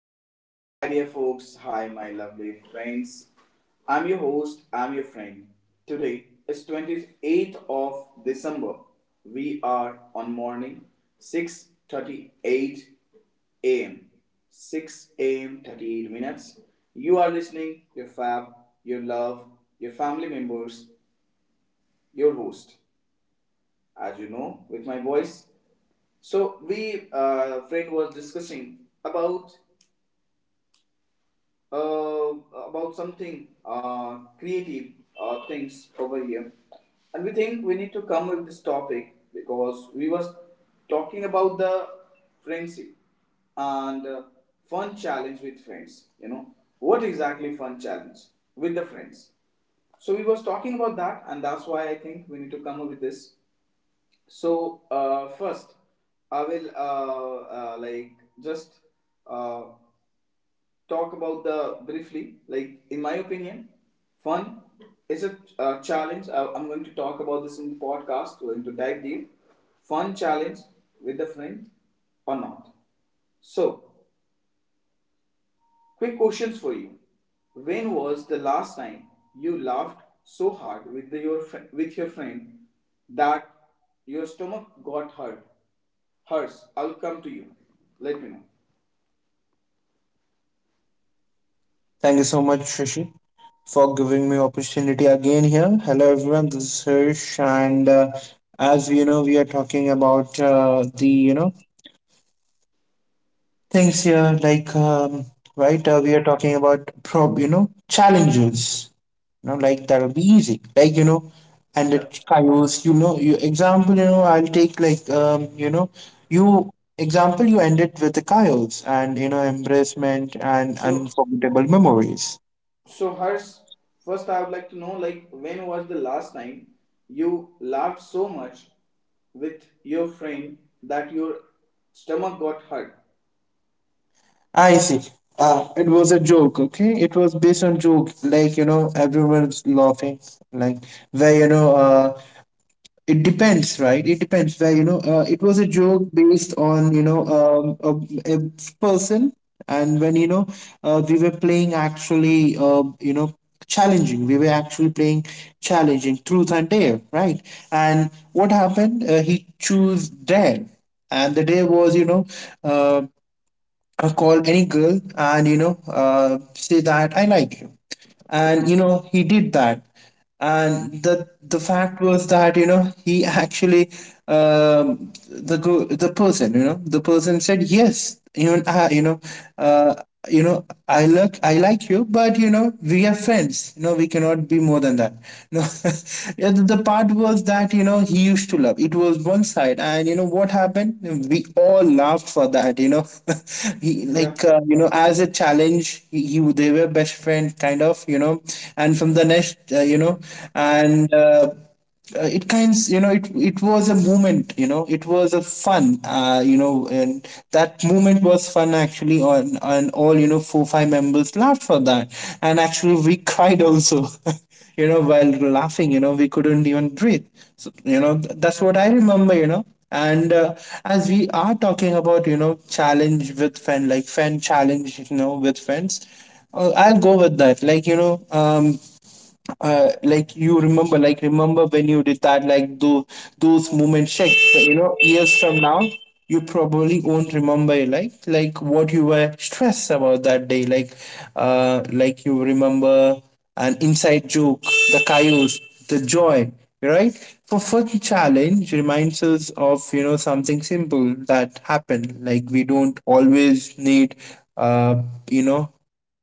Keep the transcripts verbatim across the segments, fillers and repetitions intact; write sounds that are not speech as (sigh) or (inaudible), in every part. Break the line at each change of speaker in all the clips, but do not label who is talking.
hi dear listener, hi dear folks, hi my lovely friends. I'm your host, I'm your friend. Today is twenty-eighth of December. We are on morning six thirty-eight a m six a m thirty-eight minutes. You are listening, your fab, your love, your family members, your host, as you know, with my voice. So we uh, friend was discussing about uh, about something uh, creative uh, things over here, and we think we need to come with this topic because we was talking about the friendship and uh, fun challenge with friends. You know what exactly fun challenge with the friends. So we was talking about that, and that's why I think we need to come up with this. So uh, first, I will uh, uh, like just uh, talk about the briefly like in my opinion fun is a uh, challenge. I, i'm going to talk about this in the podcast. We're going to dive deep fun challenge with a friend or not. So quick questions for you: when was the last time you laughed so hard with the, your fri with your friend that your stomach got hurt hurts I'll come to you, let me know.
Thank you so much, Shashi, for giving me opportunity again here. Hello, everyone. This is Hirsch, and uh, as you know, we are talking about uh, the you know things here, like um, right, uh, we are talking about prob you know challenges. You know, like that'll be easy. Like you know, and the
Yeah.
chaos. You know, you example. You know, I'll take like um, you know, you example. You end it with the chaos and you know embracement and
so
unforgettable memories.
So, Harsh, first I would like to know, like when was the last time you laughed so much with your friend that your stomach got hurt?
I see. Uh, it was a joke, okay? It was based on joke, like you know, everyone's laughing, like where you know, uh, it depends, right? It depends where you know, uh, it was a joke based on you know, um, a, a person, and when you know, uh, we were playing actually, uh, you know, challenging. We were actually playing challenging truth and dare, right? And what happened? Uh, he chose dare, and the dare was, you know, uh, uh, call any girl and you know uh, say that I like you, and you know he did that, and the the fact was that you know he actually, um the go- the person you know the person said yes. you know uh, you know uh, you know i look i like you, but you know we are friends, you know we cannot be more than that. No. (laughs) the the part was that you know he used to love. It was one side, and you know what happened, we all laughed for that, you know (laughs) he
Yeah.
like uh, you know as a challenge, he, he they were best friend kind of, you know and from the next, uh, you know and uh, uh, it kinds, you know it it was a moment, you know it was a fun, uh, you know and that moment was fun actually. On and all, you know four five members laughed for that, and actually we cried also. (laughs) You know while laughing, you know we couldn't even breathe. So you know th- that's what i remember you know And uh, as we are talking about you know challenge with friend, like friend challenge you know with friends, uh, I'll go with that. Like, you know, um, uh, like you remember, like remember when you did that, like, those those moments check, you know years from now you probably won't remember, like, like what you were stressed about that day, like uh like you remember an inside joke, the chaos, the joy, right. For fun challenge reminds us of you know something simple that happened, like we don't always need uh you know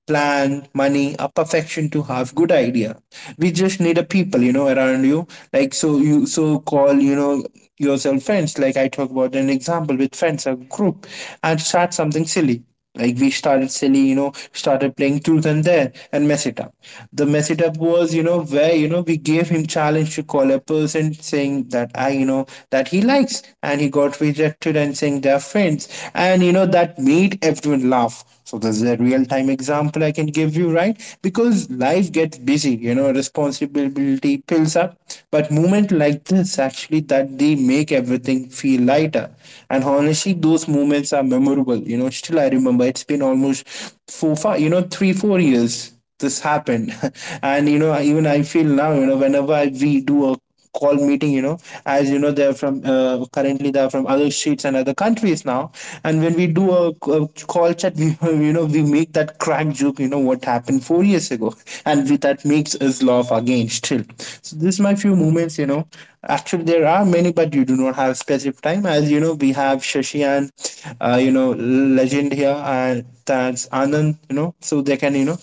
plan, money, a perfection to have good idea. We just need a people, you know, around you. Like, so you so call, you know, yourself friends. Like I talk about an example with friends, a group, and start something silly. Like we started silly, you know, started playing truth and dare and mess it up. The mess it up was, you know, where, you know, we gave him challenge to call a person saying that I, you know, that he likes, and he got rejected and saying they're friends. And you know, that made everyone laugh. So this is a real time example I can give you, right? Because life gets busy, you know, responsibility pills up. But moment like this actually that they make everything feel lighter. And honestly, those moments are memorable. You know, still I remember, it's been almost four, five, you know, three, four years this happened. (laughs) And you know, even I feel now, you know, whenever I, we do a call meeting, you know as you know they're from, uh, currently they're from other states and other countries now. And when we do a, a call chat, we (laughs) you know we make that crack joke, you know what happened four years ago. And we, that makes us laugh again still. So this is my few moments you know Actually there are many, but you do not have specific time, as you know we have Shashi and, uh, you know legend here, and that's Anand, you know so they can, you know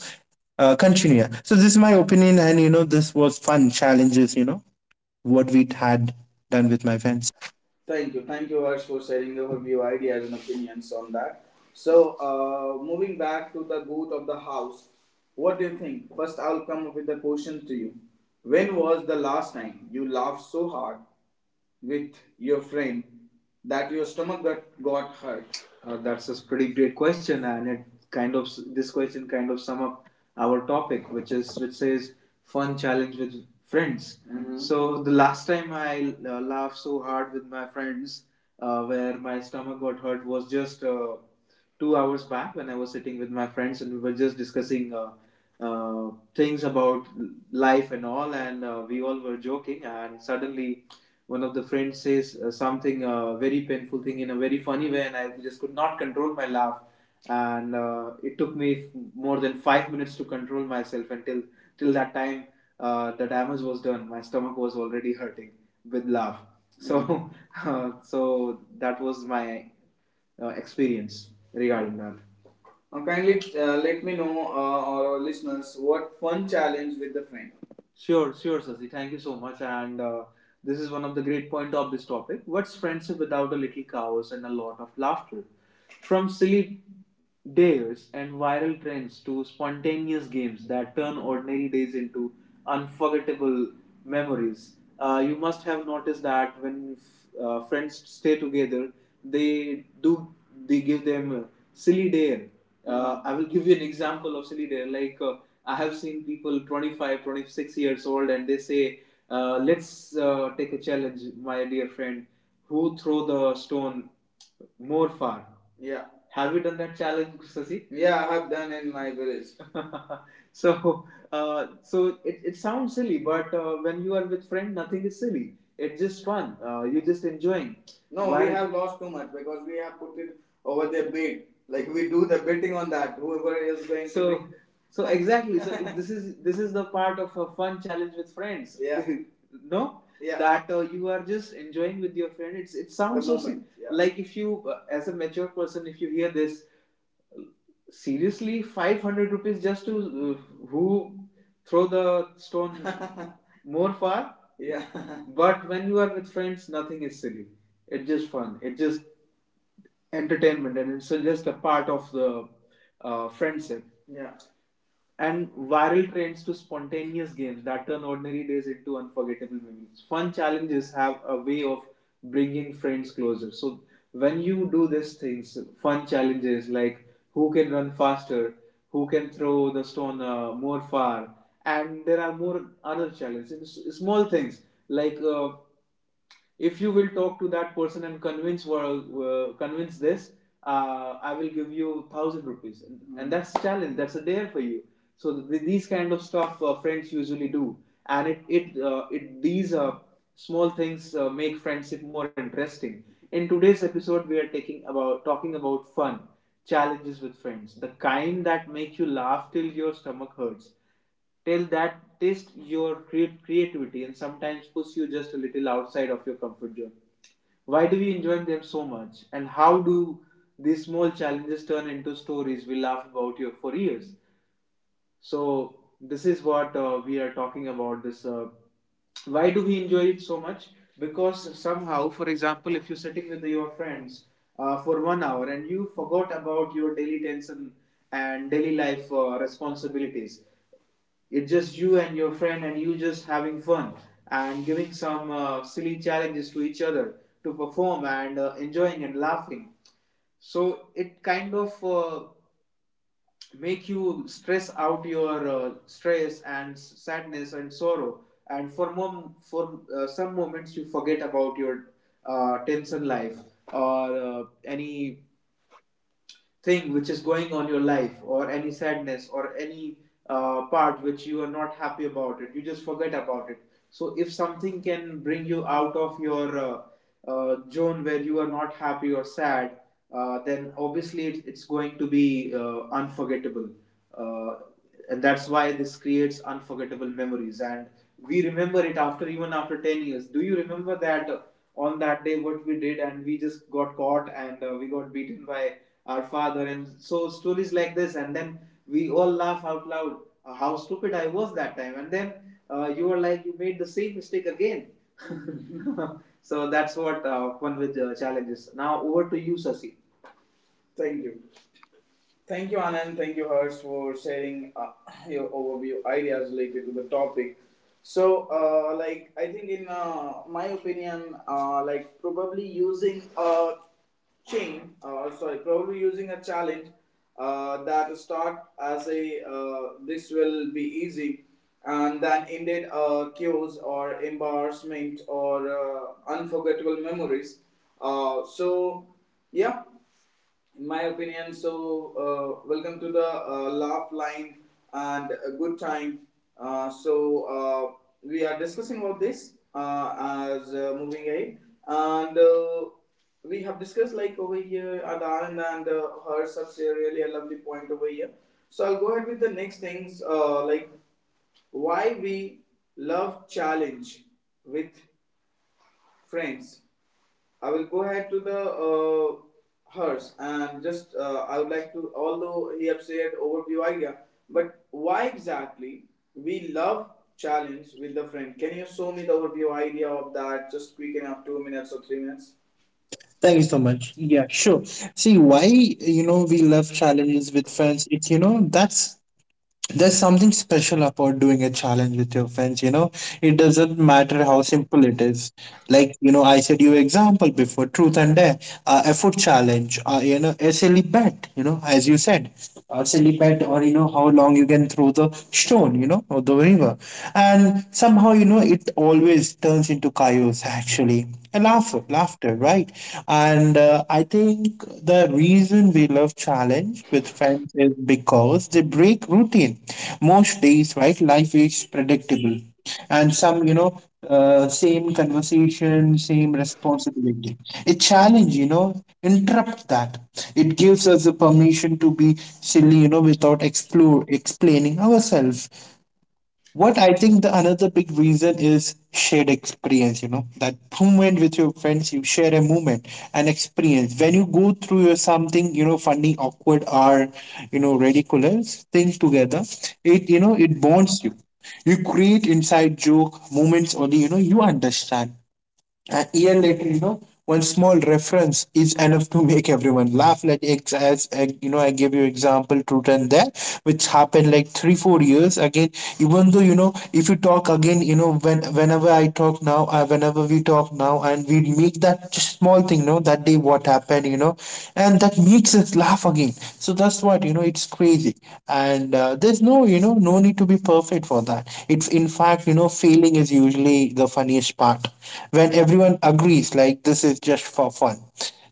uh, continue. So this is my opinion, and you know this was fun challenges. You know, what we had done with my friends.
Thank you. Thank you, Harsh, for sharing your view, ideas, and opinions on that. So, uh, moving back to the goat of the house, what do you think? First, I'll come up with a question to you. When was the last time you laughed so hard with your friend that your stomach got, got hurt? Uh, that's a pretty great question, and it kind of this question kind of sum up our topic, which is which says fun challenge with friends. Mhm. So the last time I uh, laughed so hard with my friends, uh, where my stomach got hurt, was just uh, two hours back when I was sitting with my friends and we were just discussing uh, uh, things about life and all, and uh, we all were joking. And suddenly, one of the friends says uh, something uh, very painful thing in a very funny way, and I just could not control my laugh. And uh, it took me f- more than five minutes to control myself until till that time uh, the damage was done. My stomach was already hurting with laugh. So, (laughs) uh, so that was my uh, experience regarding that. Now, kindly uh, let me know, uh, our listeners, what fun challenge with the friend. Sure, sure, Sasi. Thank you so much. And uh, this is one of the great point of this topic. What's friendship without a little chaos and a lot of laughter? From silly dares and viral trends to spontaneous games that turn ordinary days into unforgettable memories. Uh, you must have noticed that when f- uh, friends stay together, they do they give them a silly dare. uh, I will give you an example of silly dare. Like uh, I have seen people twenty-five, twenty-six years old, and they say, uh, "Let's uh, take a challenge, my dear friend. Who throw the stone more far?" Yeah. Have you done that challenge, Sasi? Yeah, I have done in my village. (laughs) so uh, so it, it sounds silly, but uh, when you are with friend nothing is silly, it's just fun. uh, you're just enjoying. No, why- we have lost too much because we have put it over their bed. Like we do the betting on that. Whoever is going so, to. So, so exactly. So (laughs) this is this is the part of a fun challenge with friends. Yeah, (laughs) no, yeah, that uh, you are just enjoying with your friend. It's it sounds so sim-. Yeah. Like if you uh, as a mature person if you hear this seriously five hundred rupees just to uh, who throw the stone (laughs) more far. Yeah. (laughs) but when you are with friends nothing is silly, it's just fun. It just entertainment and it's just a part of the uh, friendship. Yeah. And viral trends to spontaneous games that turn ordinary days into unforgettable memories. Fun challenges have a way of bringing friends closer. So when you do these things, fun challenges like who can run faster, who can throw the stone uh, more far, and there are more other challenges. It's small things like uh, if you will talk to that person and convince well, uh, convince this uh, I will give you one thousand rupees, and, and that's a challenge, that's a dare for you. So th- these kind of stuff uh, friends usually do, and it it uh, it these uh, small things uh, make friendship more interesting. In today's episode we are taking about talking about fun challenges with friends, the kind that make you laugh till your stomach hurts, till that test your creativity and sometimes push you just a little outside of your comfort zone. Why do we enjoy them so much, and how do these small challenges turn into stories we laugh about here for years? So this is what uh, we are talking about. This uh, why do we enjoy it so much? Because somehow, for example, if you're sitting with your friends uh, for one hour and you forgot about your daily tension and daily life uh, responsibilities, it's just you and your friend and you just having fun and giving some uh, silly challenges to each other to perform and uh, enjoying and laughing. So it kind of uh, make you stress out your uh, stress and sadness and sorrow, and for mom for uh, some moments you forget about your uh, tension life or uh, any thing which is going on your life or any sadness or any uh, part which you are not happy about it, you just forget about it. So if something can bring you out of your uh, uh, zone where you are not happy or sad, uh, then obviously it's, it's going to be uh, unforgettable. uh, and that's why this creates unforgettable memories, and we remember it after even after ten years. Do you remember that uh, on that day what we did and we just got caught, and uh, we got beaten by our father and so stories like this, and then we all laugh out loud. uh, how stupid I was that time, and then uh, you were like you made the same mistake again. (laughs) so that's what uh, one with uh, challenges. Now over to you, Sasi. Thank you. Thank you, Anand. Thank you, Harsh, for sharing uh, your overview ideas related to the topic. So, uh, like, I think, in uh, my opinion, uh, like, probably using a chain, uh, sorry, probably using a challenge uh, that start as a uh, this will be easy and then ended uh, cues or embarrassment or uh, unforgettable memories. Uh, so, yeah, in my opinion. So, uh, welcome to the uh, laugh line and a good time. Uh, so, uh, we are discussing about this uh, as uh, moving ahead, and uh, we have discussed like over here at Anand and uh, Harsh have really a lovely point over here. So, I'll go ahead with the next things uh, like why we love challenge with friends. I will go ahead to the uh, hers and just uh, I would like to, although he have said overview idea, but why exactly we love challenge with the friend? Can you show me the overview idea of that just quick enough, two minutes or three minutes?
Thank you so much. Yeah, sure. See, why, you know, we love challenges with friends. It's, you know, that's There's something special about doing a challenge with your friends, you know. It doesn't matter how simple it is. Like, you know, I said you example before, truth and dare, uh, a food challenge, uh, you know, a silly bet, you know, as you said, a silly bet or, you know, how long you can throw the stone, you know, or the river. And somehow, you know, it always turns into chaos, actually. A laugh, laughter, right? Right? And uh, I think the reason we love challenge with friends is because they break routine. Most days, right, life is predictable. And some, you know, uh, same conversation, same responsibility. A challenge, you know, interrupts that. It gives us the permission to be silly, you know, without explore explaining ourselves. What I think the another big reason is shared experience, you know, that moment with your friends, you share a moment, an experience. When you go through your something, you know, funny, awkward, or, you know, ridiculous things together, it, you know, it bonds you. You create inside joke moments only, you know, you understand. A year later, you know, one small reference is enough to make everyone laugh. Like ex- as uh, you know, I gave you example truth and that, which happened like three four years again. Even though, you know, if you talk again, you know, when whenever I talk now, uh, whenever we talk now, and we make that just small thing, you know, that day what happened, you know, and that makes us laugh again. So that's what you know. It's crazy, and uh, there's no, you know no need to be perfect for that. It's in fact, you know failing is usual usually the funniest part. When everyone agrees, like, this is just for fun,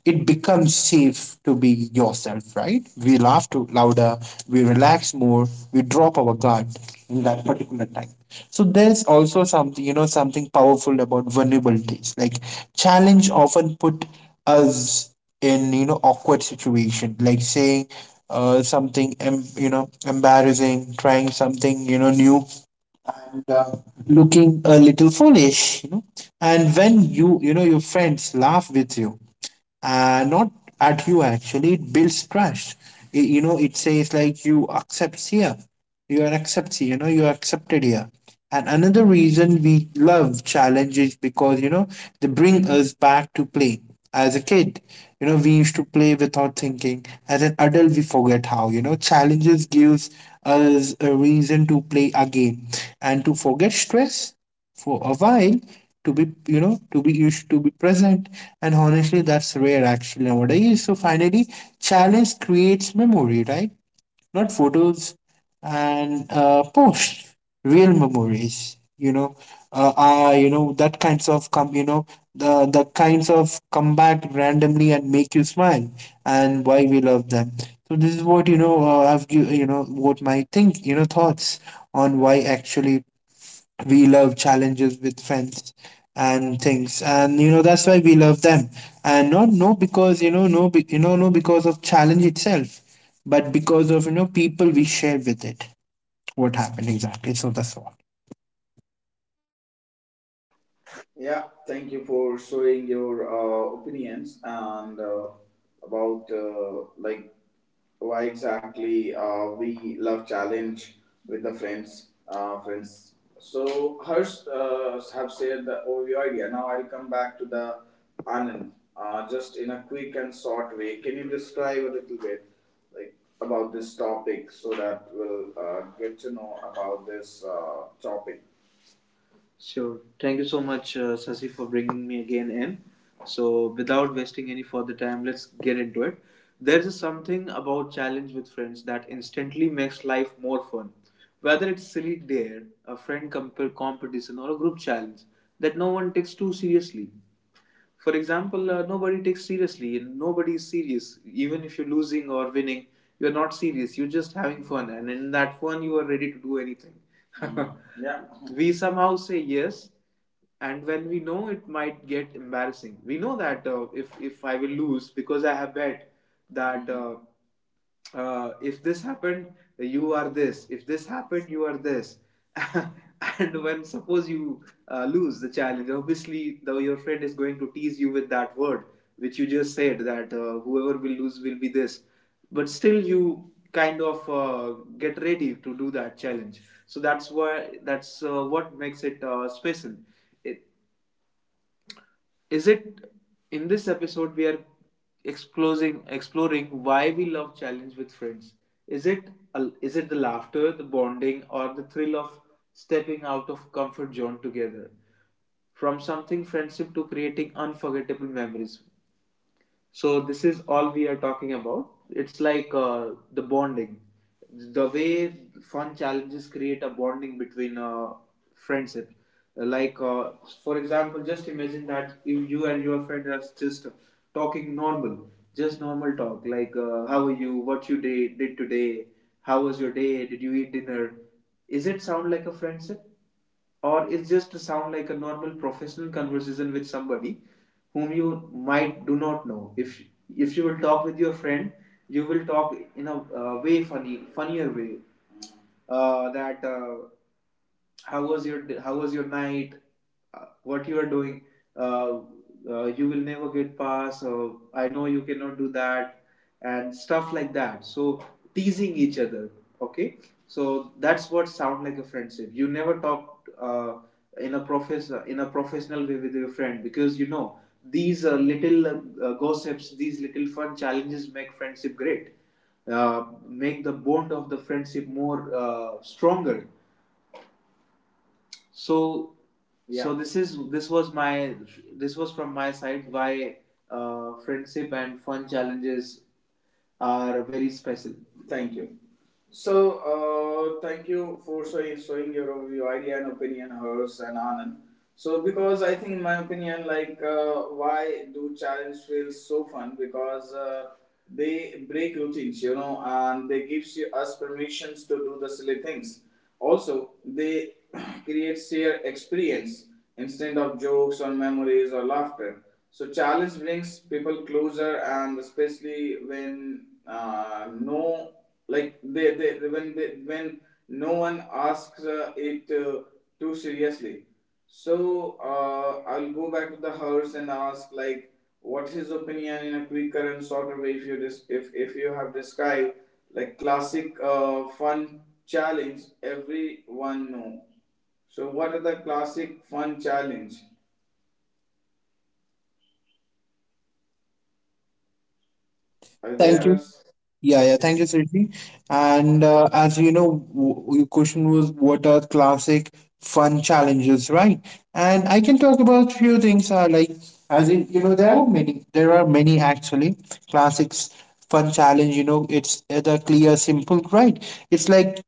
it becomes safe to be yourself, right? We laugh too louder, we relax more, we drop our guard in that particular time. So there's also something, you know, something powerful about vulnerabilities. Like challenge often put us in, you know, awkward situation. Like saying, uh, something, em- you know, embarrassing, trying something, you know, new, and uh, looking a little foolish, you know and when you you know your friends laugh with you, uh, not at you, actually it builds trust. Y- you know it says, like, you accept here, you are accepted, you know you are accepted here. And another reason we love challenges, because you know they bring us back to play as a kid. You know we used to play without thinking. As an adult, we forget how, you know challenges gives us a reason to play again, and to forget stress for a while, to be, you know to be used to be present, and honestly that's rare actually nowadays. So finally, challenge creates memory, right? Not photos and uh, posts. Real memories, you know uh, uh you know that kinds of come, you know the the kinds of come back randomly and make you smile, and why we love them. So this is what, you know uh, I've giv- you know what my think you know thoughts on why actually we love challenges with friends and things. And you know that's why we love them, and not, no, because you know no be- you know no, because of challenge itself, but because of, you know people we share with it. What happened exactly. So that's all.
Yeah, thank you for showing your uh, opinions and uh, about uh, like why exactly uh, we love challenge with the friends, uh, friends. So Harsh uh, have shared the overview idea. Now I'll come back to the Anand. Uh, just in a quick and short way, can you describe a little bit like about this topic so that we'll uh, get to know about this uh, topic? Sure. Thank you so much, uh, Sasi, for bringing me again in. So, without wasting any further time, let's get into it. There's a something about challenge with friends that instantly makes life more fun. Whether it's silly dare, a friend comp- competition, or a group challenge that no one takes too seriously. For example, uh, nobody takes seriously and nobody is serious. Even if you're losing or winning, you're not serious. You're just having fun, and in that fun, you are ready to do anything. (laughs) Yeah. We somehow say yes, and when we know it might get embarrassing, we know that uh, if if I will lose because I have bet that uh, uh, if this happened, you are this. If this happened, you are this. (laughs) And when suppose you uh, lose the challenge, obviously though your friend is going to tease you with that word which you just said that uh, whoever will lose will be this. But still, you kind of uh, get ready to do that challenge. So that's why that's uh, what makes it uh, special. It, is it In this episode we are exploring exploring why we love challenge with friends. Is it a- is it the laughter, the bonding, or the thrill of stepping out of comfort zone together, from something friendship to creating unforgettable memories? So this is all we are talking about. It's like uh, the bonding, the way fun challenges create a bonding between uh, friendship. Like uh, for example, just imagine that if you and your friend are just talking normal, just normal talk. Like uh, how are you? What you did did today? How was your day? Did you eat dinner? Is it sound like a friendship? Or it's just to sound like a normal professional conversation with somebody whom you might do not know. if if you will talk with your friend you will talk in a uh, way funny funnier way. Uh, that uh, How was your how was your night? Uh, what you are doing? uh, uh, you will never get past, or I know you cannot do that and stuff like that. So teasing each other. Okay. So that's what sound like a friendship. You never talk uh, in a profess in a professional way with your friend, because you know these uh, little uh, gossips, these little fun challenges make friendship great, uh, make the bond of the friendship more uh, stronger. So, yeah. so this is this was my this was from my side why uh, friendship and fun challenges are very special. Thank you. So, uh, thank you for showing, showing your, your idea and opinion, hers and Anand. So, because I think my opinion, like, uh, why do challenge feels so fun? Because uh, they break routines, you know, and they gives you us permissions to do the silly things. Also, they (clears throat) create shared experience instead of jokes or memories or laughter. So, challenge brings people closer, and especially when uh, no like they, they when they when no one asks uh, it uh, too seriously. So uh, I'll go back to the house and ask like what's his opinion in a quick current sort of way. If you dis- if if you have described like classic uh, fun challenge everyone know, so what are the classic fun challenge are
Thank you.
there?
Yeah, yeah.
Yeah.
Thank you, Sriddhi. And uh, as you know, w- your question was, what are classic fun challenges, right? And I can talk about few things. Uh, like as in, you know, there are many. There are many actually classics fun challenge. You know, it's the clear, simple, right? It's like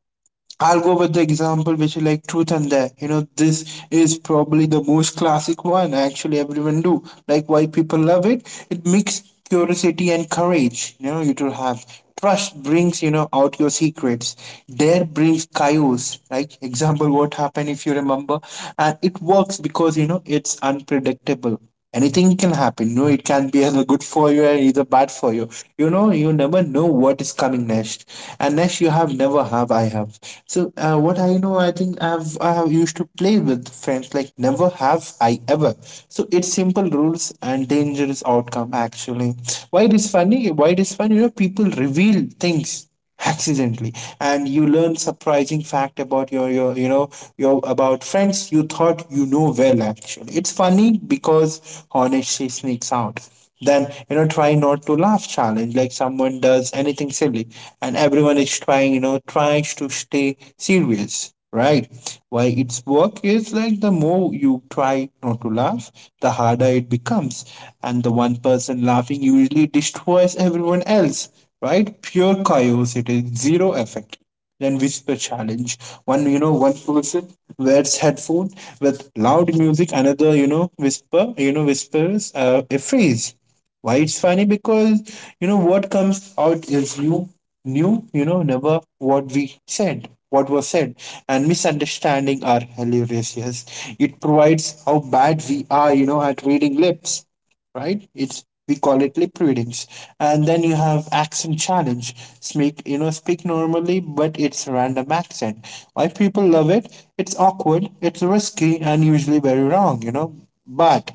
I'll go with the example which is like Truth and Dare. You know, this is probably the most classic one. Actually, everyone do like why people love it. It makes curiosity and courage. You know, you to have trust brings you know out your secrets. Dare brings chaos. Like example, what happened if you remember, and it works because you know it's unpredictable. Anything can happen. No, it can be either good for you or either bad for you. You know you never know what is coming next. And next you have never have I have. So uh, what I know, I think i've i have used to play with friends, like never have I ever. So it's simple rules and dangerous outcome, actually. Why it is funny? Why it is funny you know people reveal things accidentally. And you learn surprising fact about your, your you know your about friends you thought you know Well actually, it's funny because honesty sneaks out. Then you know try not to laugh challenge, like someone does anything silly, and everyone is trying you know tries to stay serious, right? Why its work is, like, the more you try not to laugh, the harder it becomes, and the one person laughing usually destroys everyone else, right? Pure curiosity, zero effect. Then whisper challenge. One, you know, one person wears headphone with loud music. Another, you know, whisper, you know, whispers uh, a phrase. Why it's funny? Because you know what comes out is new, new. You know, never what we said, what was said, and misunderstanding are hilarious. Yes, it provides how bad we are, You know, at reading lips, right? It's we call it lip readings. And then you have accent challenge. Speak you know speak normally, but it's random accent. Why people love it? It's awkward, it's risky, and usually very wrong. You know, but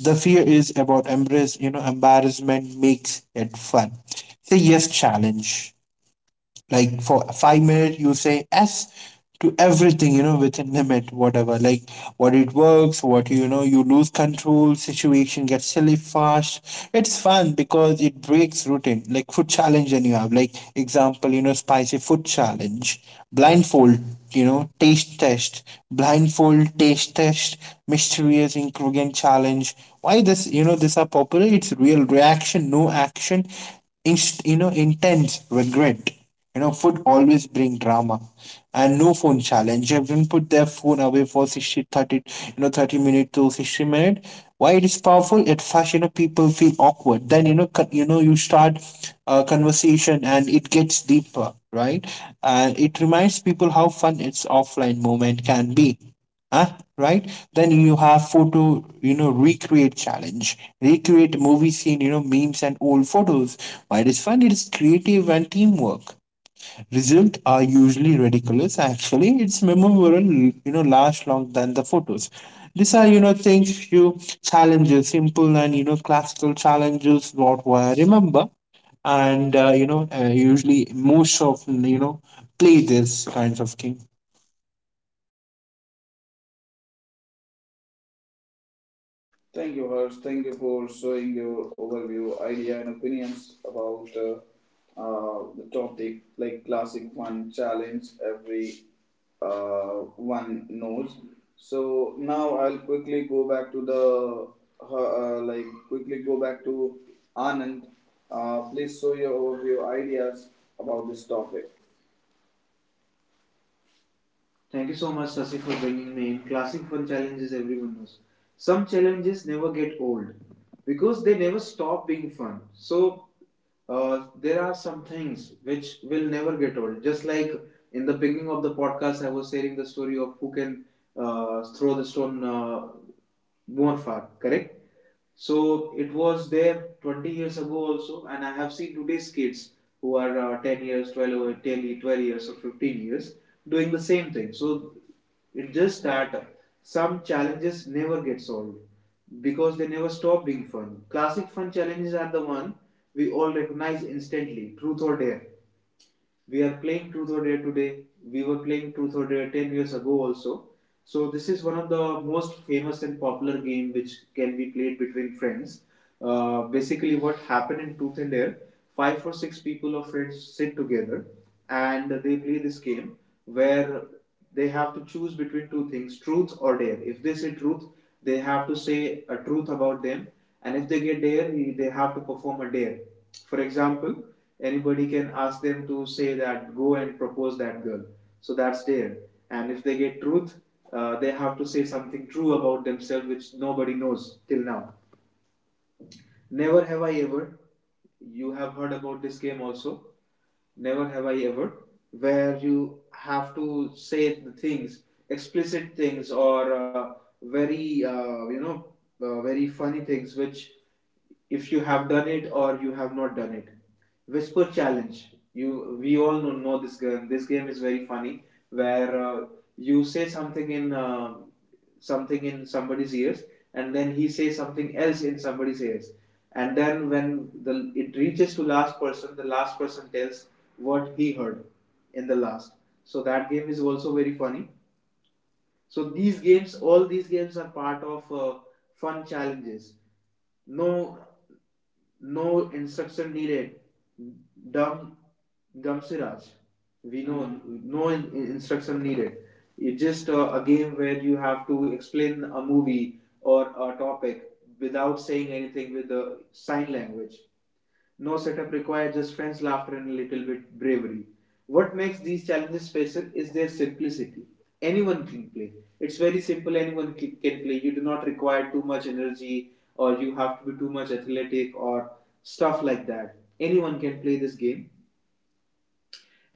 the fear is about embrace. You know, embarrassment makes it fun. Say yes challenge, like for five minutes you say yes to everything you know within limit whatever, like what it works, what you know you lose control, situation gets silly fast. It's fun because it breaks routine, like food challenge, and you have, like, example you know spicy food challenge, blindfold you know taste test blindfold taste test, mysterious ingredient challenge. Why this you know this are popular? It's real reaction, no action, inst- you know intense regret. You know, food always bring drama. And no phone challenge. Everyone put their phone away for sixty thirty, you know, thirty minutes to sixty minutes. Why it is powerful? At first, you know, people feel awkward. Then, you know, con- you know, you start a conversation and it gets deeper, right? And it reminds people how fun its offline moment can be. Huh? Right? Then you have photo, you know, recreate challenge. Recreate movie scene, you know, memes and old photos. Why it is fun? It is creative and teamwork. Results are usually ridiculous. Actually, it's memorable, you know, last long than the photos. These are, you know, things few challenges, simple and, you know, classical challenges, what I remember. And uh, you know, uh, usually most of you know play this kinds of game.
Thank you, Harsh. Thank you for showing your overview, idea, and opinions about uh, uh, the topic like classic one challenge every uh, one knows. So now I'll quickly go back to the uh, uh, like quickly go back to Anand. Uh, please show your overview ideas about this topic. Thank you so much, Sasi, for bringing me in. Classic fun challenges everyone knows. Some challenges never get old because they never stop being fun. So uh, there are some things which will never get old. Just like in the beginning of the podcast, I was sharing the story of who can uh, throw the stone uh, more far. Correct? So it was there twenty years ago also, and I have seen today's kids who are uh, ten years, twelve, twelve years, or fifteen years doing the same thing. So it's just that some challenges never get solved because they never stop being fun. Classic fun challenges are the one we all recognize instantly. Truth or dare. We are playing Truth or Dare today. We were playing Truth or Dare ten years ago also. So this is one of the most famous and popular game which can be played between friends. Uh, basically, what happened in Truth and Dare, five or six people of friends sit together and they play this game where they have to choose between two things, truth or dare. If they say truth, they have to say a truth about them, and if they get dare, they have to perform a dare. For example, anybody can ask them to say that go and propose that girl, so that's there. And if they get truth, uh, they have to say something true about themselves which nobody knows till now. Never have I ever. You have heard about this game also. Never have I ever, where you have to say the things, explicit things, or uh, very uh, you know, uh, very funny things, which if you have done it or you have not done it. Whisper challenge. You we all know, know this game. This game is very funny where uh, you say something in uh, something in somebody's ears, and then he says something else in somebody's ears, and then when the it reaches to last person, the last person tells what he heard in the last. So that game is also very funny. So these games, all these games, are part of uh, fun challenges. No, no instruction needed. Dumb, dumb Siraj. We know. No in- instruction needed. It's just uh, a game where you have to explain a movie or a topic without saying anything, with the sign language. No setup required, just friends, laughter, and a little bit bravery. What makes these challenges special is their simplicity. Anyone can play. It's very simple, anyone can play. You do not require too much energy, or you have to be too much athletic, or stuff like that. Anyone can play this game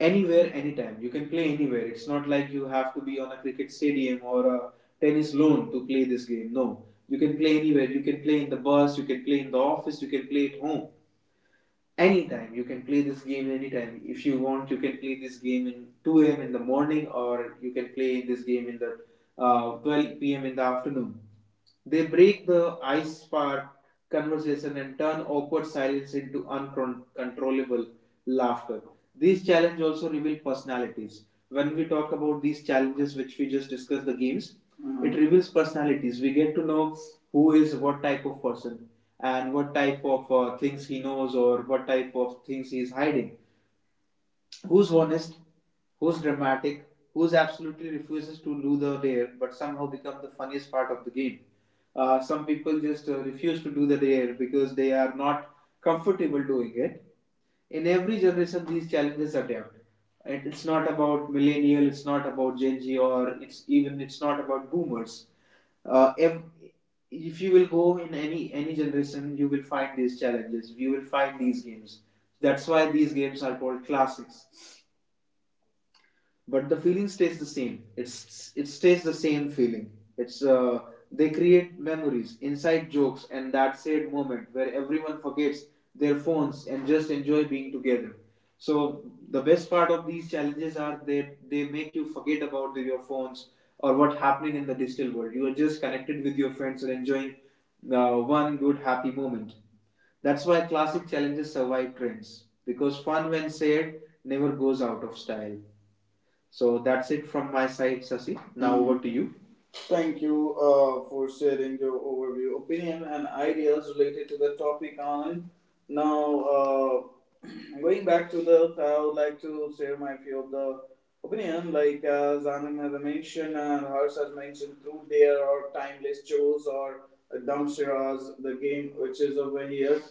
anywhere, anytime. You can play anywhere. It's not like you have to be on a cricket stadium or a tennis lawn to play this game. No. You can play anywhere. You can play in the bus, you can play in the office, you can play at home, anytime. You can play this game anytime. If you want, you can play this game in two a.m in the morning, or you can play this game in the uh, twelve p.m in the afternoon. They break the ice, spark conversation, and turn awkward silence into uncontrollable laughter. These challenges also reveal personalities. When we talk about these challenges, which we just discussed, the games, mhm, it reveals personalities. We get to know who is what type of person, and what type of uh, things he knows, or what type of things he is hiding. Who's honest, who's dramatic, who's absolutely refuses to do the dare but somehow become the funniest part of the game. Uh, some people just uh, refuse to do the dare because they are not comfortable doing it. In every generation, these challenges are there. And it's not about millennial, it's not about Gen Z, or it's even it's not about boomers. Uh, if, if you will go in any any generation, you will find these challenges. You will find these games. That's why these games are called classics, but the feeling stays the same. It's it stays the same feeling. It's uh, They create memories, inside jokes, and that said moment where everyone forgets their phones and just enjoy being together. So the best part of these challenges are they they make you forget about the, your phones or what's happening in the digital world. You are just connected with your friends and enjoying uh, one good happy moment. That's why classic challenges survive trends, because fun when shared never goes out of style. So that's it from my side, Sasi. Now, mhm, over to you. Thank you uh, for sharing your overview, opinion, and ideas related to the topic, Anand. Now, uh, (clears throat) going back to the, I would like to share my few of the opinion, like as Anand has mentioned and Harsh has mentioned, through their or timeless shows or uh, dumpsters, the game which is over here.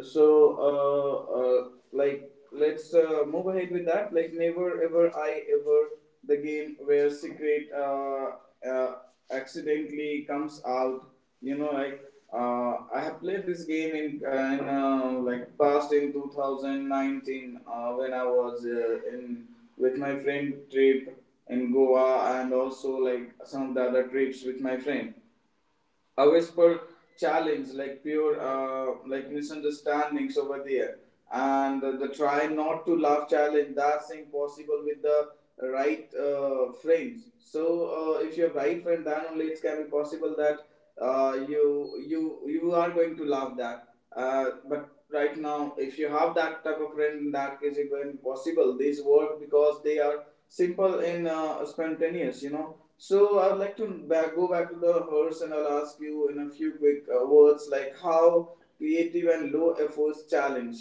So, uh, uh, like, let's uh, move ahead with that. Like, never ever I ever, the game where secret uh, uh, accidentally comes out. You know, like uh, I have played this game in, uh, in uh, like past in two thousand nineteen uh, when I was uh, in with my friend trip in Goa, and also like some of the other trips with my friend. A whisper challenge, like pure uh, like misunderstandings over there, and the, the try not to laugh challenge. That's impossible with the right uh, friends. So uh, if you have right friend, then only it can be possible that uh, you you you are going to laugh that. Uh, but right now, if you have that type of friend, in that case, it will be possible. These work because they are simple in uh, spontaneous. You know. So I'd like to back, go back to the hearse and I'll ask you in a few quick uh, words, like how creative and low efforts challenge.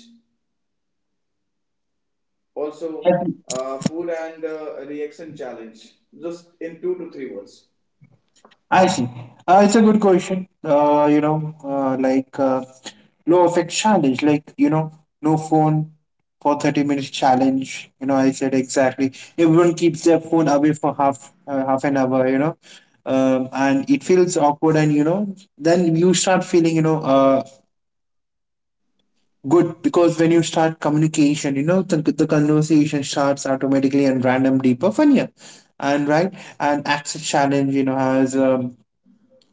Also, uh, food and uh, reaction challenge. Just in two to three words.
I see. Uh, it's a good question. Uh, you know, uh, like uh, low effect challenge, like you know, no phone for thirty minutes challenge. You know, I said exactly. Everyone keeps their phone away for half uh, half an hour. You know, um, and it feels awkward, and you know, then you start feeling you know uh good, because when you start communication, you know, the, the conversation starts automatically and random, deeper, funnier, and right. And access challenge, You know, has um,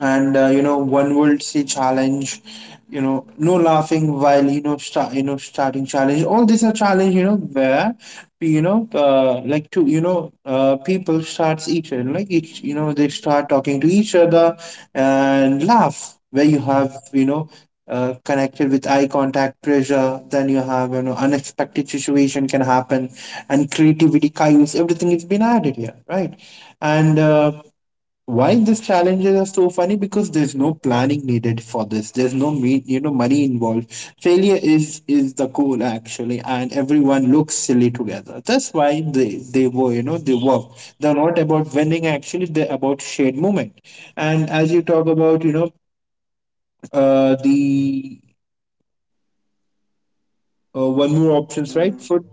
and uh, you know one would see challenge, you know no laughing while you know start you know starting challenge. All these are challenge you know where you know uh, like to you know uh, people starts each other, like each you know they start talking to each other and laugh. Where you have you know uh, connected with eye contact pressure. Then you have you know unexpected situation can happen, and creativity chaos everything is been added here, right? And uh, why these challenges are so funny? Because there's no planning needed for this, there's no me you know money involved. Failure is is the goal actually, and everyone looks silly together. That's why they they were you know they work. They're not about winning actually, they're about shared moment. And as you talk about, you know uh the uh, one more options,
Mhm.
right? Food.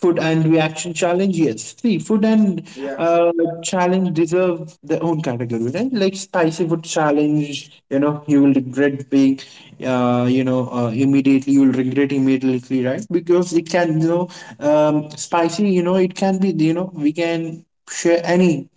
Food and reaction challenge, yes, see. Food and
Yeah.
uh, challenge deserve their own category, right? Like spicy food challenge, you know you will regret being, uh, you know uh, immediately. You will regret immediately, right? Because it can, you know um, spicy, you know it can be, you know we can share any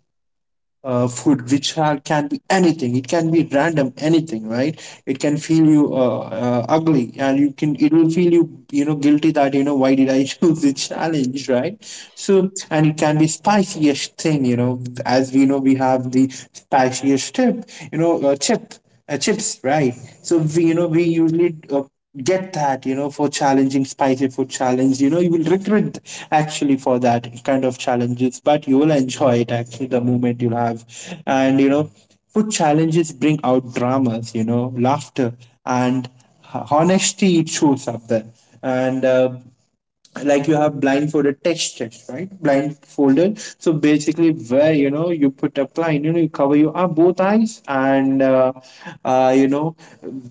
uh, food which are, can be anything, it can be random, anything, right? It can feel you uh, uh, ugly, and you can, it will feel you, you know guilty, that you know why did I (laughs) choose this challenge, right? So and it can be spiciest thing, you know as we know we have the spiciest tip, you know uh, chip uh, chips, right? So we, you know, we usually uh, get that, you know, for challenging spicy food challenge. You know, you will regret actually for that kind of challenges, but you will enjoy it actually the moment you'll have, and you know, food challenges bring out dramas, you know, laughter, and ho- honesty. It shows up there, and. Uh, like, you have blindfolded text text right, blindfolded. So basically, where you know you put a blind you know you cover your up both eyes, and uh, uh, you know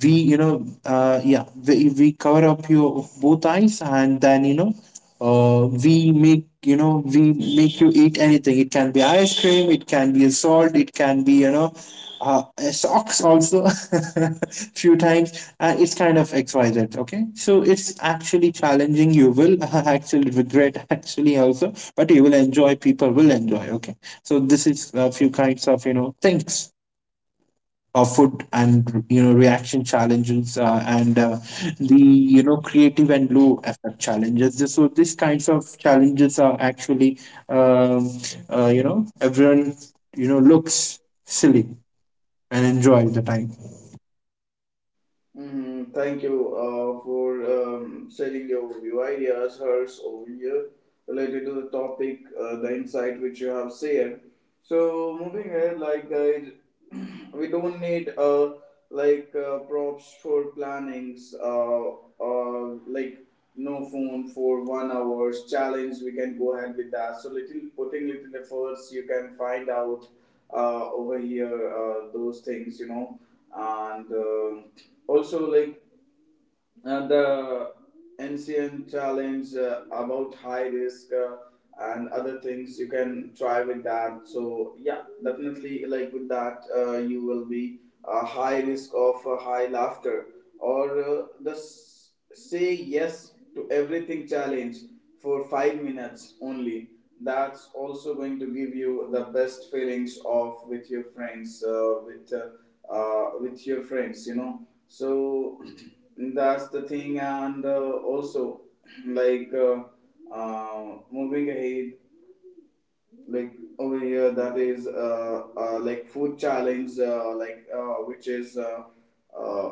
we you know uh, yeah, we, we cover up your both eyes, and then you know uh, we make you know we make you eat anything, it can be ice cream, it can be a salt, it can be, you know uh, uh, socks also (laughs) few times, and it's kind of xyz, okay? So it's actually challenging, you will (laughs) actually regret actually also, but you will enjoy, people will enjoy, okay. So this is a few kinds of you know things of food and you know reaction challenges, uh, and uh, the you know creative and low effort challenges. This- so these kinds of challenges are actually, um, uh, you know everyone you know looks silly and enjoy the time.
Mm, thank you uh, for um, sharing your view ideas, Hers, over here, related to the topic, uh, the insight which you have shared. So moving ahead, like, guys, (clears throat) we don't need uh, like uh, props for plannings, uh, uh, like no phone for one hours challenge. We can go ahead with that. So little putting little efforts, you can find out uh, over here uh, those things, you know, and. um also, like, uh, the ancient challenge uh, about high risk, uh, and other things you can try with that. So yeah, definitely, like, with that, uh, you will be a high risk of uh, high laughter, or uh, the s- say yes to everything challenge for five minutes only. That's also going to give you the best feelings of with your friends, uh, with uh, uh, with your friends, you know. So (clears throat) that's the thing, and uh, also, like uh, uh, moving ahead, like, over here, that is uh, uh like food challenge, uh, like, uh, which is uh, uh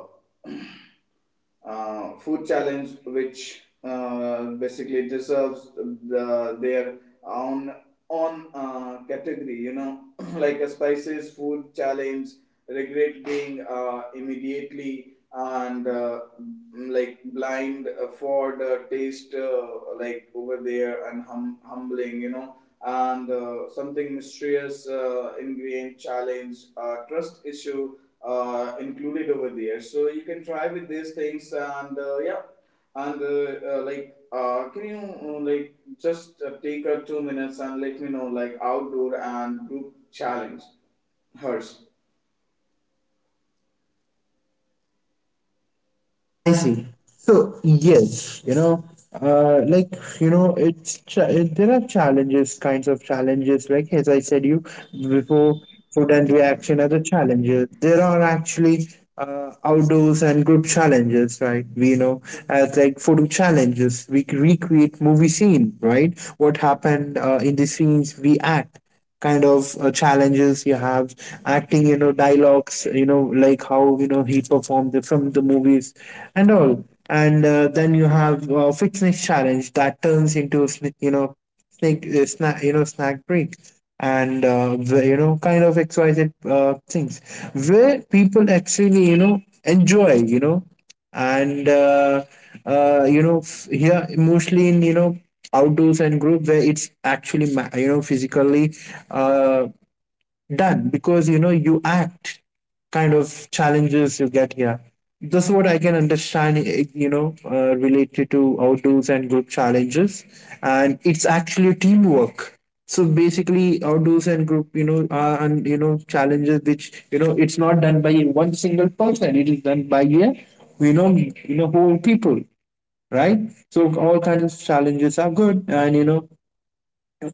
uh, food challenge, which uh, basically deserves the, their own own uh, category. You know, (clears throat) like a spices food challenge, regret being uh, immediately, and uh, mm, like blind for the taste, uh, like over there, and hum- humbling. You know. And uh, something mysterious uh, ingredient challenge, uh, trust issue uh, included over there. So you can try with these things. And uh, yeah, and uh, uh, like, uh, can you, uh, like, just uh, take a two minutes and let me know, like, outdoor and group challenge, Hers.
I see. So yes, you know, uh, like you know, it's cha- it, there are challenges, kinds of challenges. Like as I said, you before, food and reaction are the challenges. There are actually uh, outdoors and group challenges, right? We know, as like photo challenges, we c- recreate movie scene, right? What happened uh, in the scenes we act, kind of uh, challenges you have, acting, you know dialogues, you know like how you know he performed it from the movies and all. And uh, then you have uh, fitness challenge that turns into sn- you know snake uh, snack, you know snack break. And uh, the, you know kind of xyz uh, things where people actually, you know enjoy, you know and uh, uh, you know f- here, mostly in, you know outdoors and group, where it's actually ma- you know physically uh, done, because you know you act kind of challenges you get here. This is what I can understand, eh, you know uh, related to outdoors and group challenges, and it's actually teamwork. So basically outdoors and group, you know are and you know challenges which, you know it's not done by one single person, it is done by, yeah, you know you know whole people, right? So all kinds of challenges are good, and you know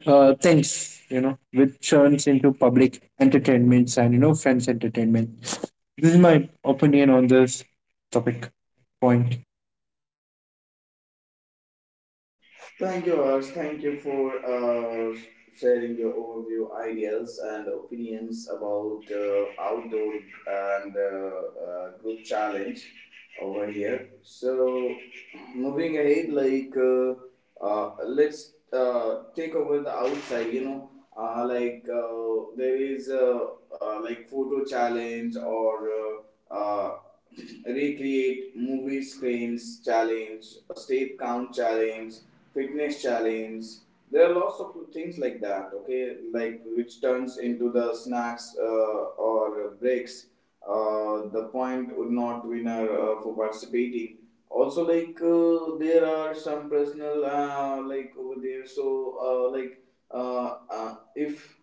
uh, things, you know which turns into public entertainments and you know friends entertainment. This is my opinion on this topic, point.
Thank you, Hers. Thank you for uh, sharing your overview ideas and opinions about uh, outdoor and uh, uh, group challenge over here. So moving ahead, like uh, uh, let's uh, take over the outside, you know, uh, like, uh, there is, uh, uh, like, photo challenge, or uh, uh, recreate movie screens challenge, a step count challenge, fitness challenge. There are lots of things like that, okay, like, which turns into the snacks uh, or breaks, uh, the point would not winner uh, for participating. Also, like, uh, there are some personal, uh, like, over there. So, uh, like uh, uh, if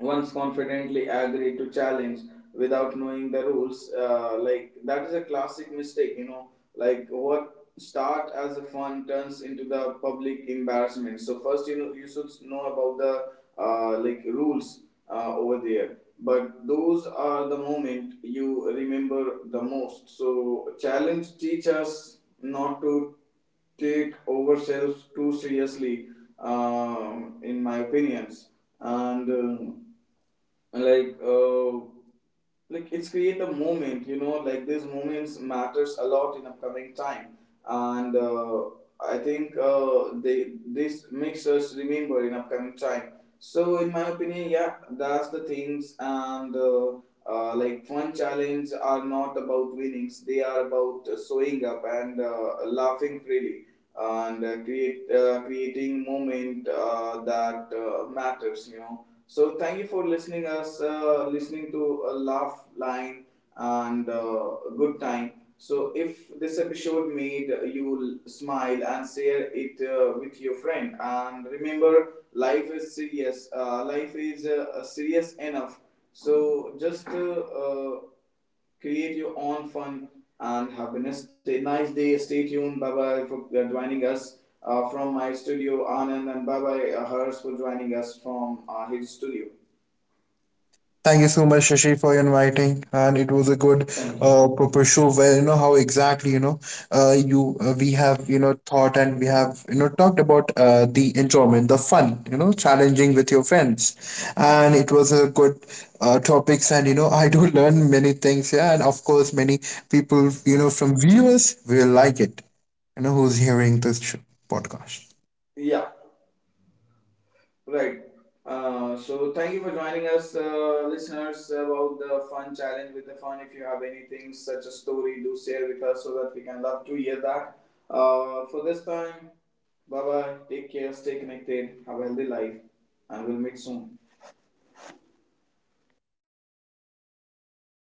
once confidently agree to challenge without knowing the rules, uh, like, that is a classic mistake, you know, like, what start as a fun turns into the public embarrassment. So first, you know, you should know about the, uh, like, rules uh, over there. But those are the moment you remember the most. So challenge teach us not to take ourselves too seriously, um, in my opinions. And um, and like uh like, it's create a moment, you know, like, these moments matters a lot in upcoming time. And uh, I think, uh, they this makes us remember in upcoming time. So in my opinion, yeah, that's the things. And uh, uh, like, fun challenge are not about winnings. They are about uh, showing up and uh, laughing freely, and uh, create uh, creating moment uh, that uh, matters, you know. So thank you for listening us, uh, listening to a laugh line and uh, good time. So if this episode made you l- smile, and share it uh, with your friend. And remember, life is serious. Uh, life is uh, serious enough. So just uh, uh, create your own fun and happiness. Stay nice day. Stay tuned. Bye bye for uh, joining us uh, from my studio, Anand, and bye bye, uh, Hers, for joining us from uh, his studio.
Thank you so much, Shashi, for inviting, and it was a good
Thank you.
uh, proper show, where you know how exactly, you know uh, you uh, we have, you know thought, and we have, you know talked about uh, the enjoyment, the fun, you know, challenging with your friends, and it was a good uh, topics, and you know (laughs) I do learn many things, yeah, and of course many people, you know from viewers will like it, you know, who's hearing this show, podcast.
Yeah, right. Uh, so thank you for joining us, uh, listeners, about the fun challenge with the fun. If you have anything such a story, do share with us so that we can love to hear that. Uh, for this time, bye bye. Take care. Stay connected. Have a healthy life, and we'll meet soon.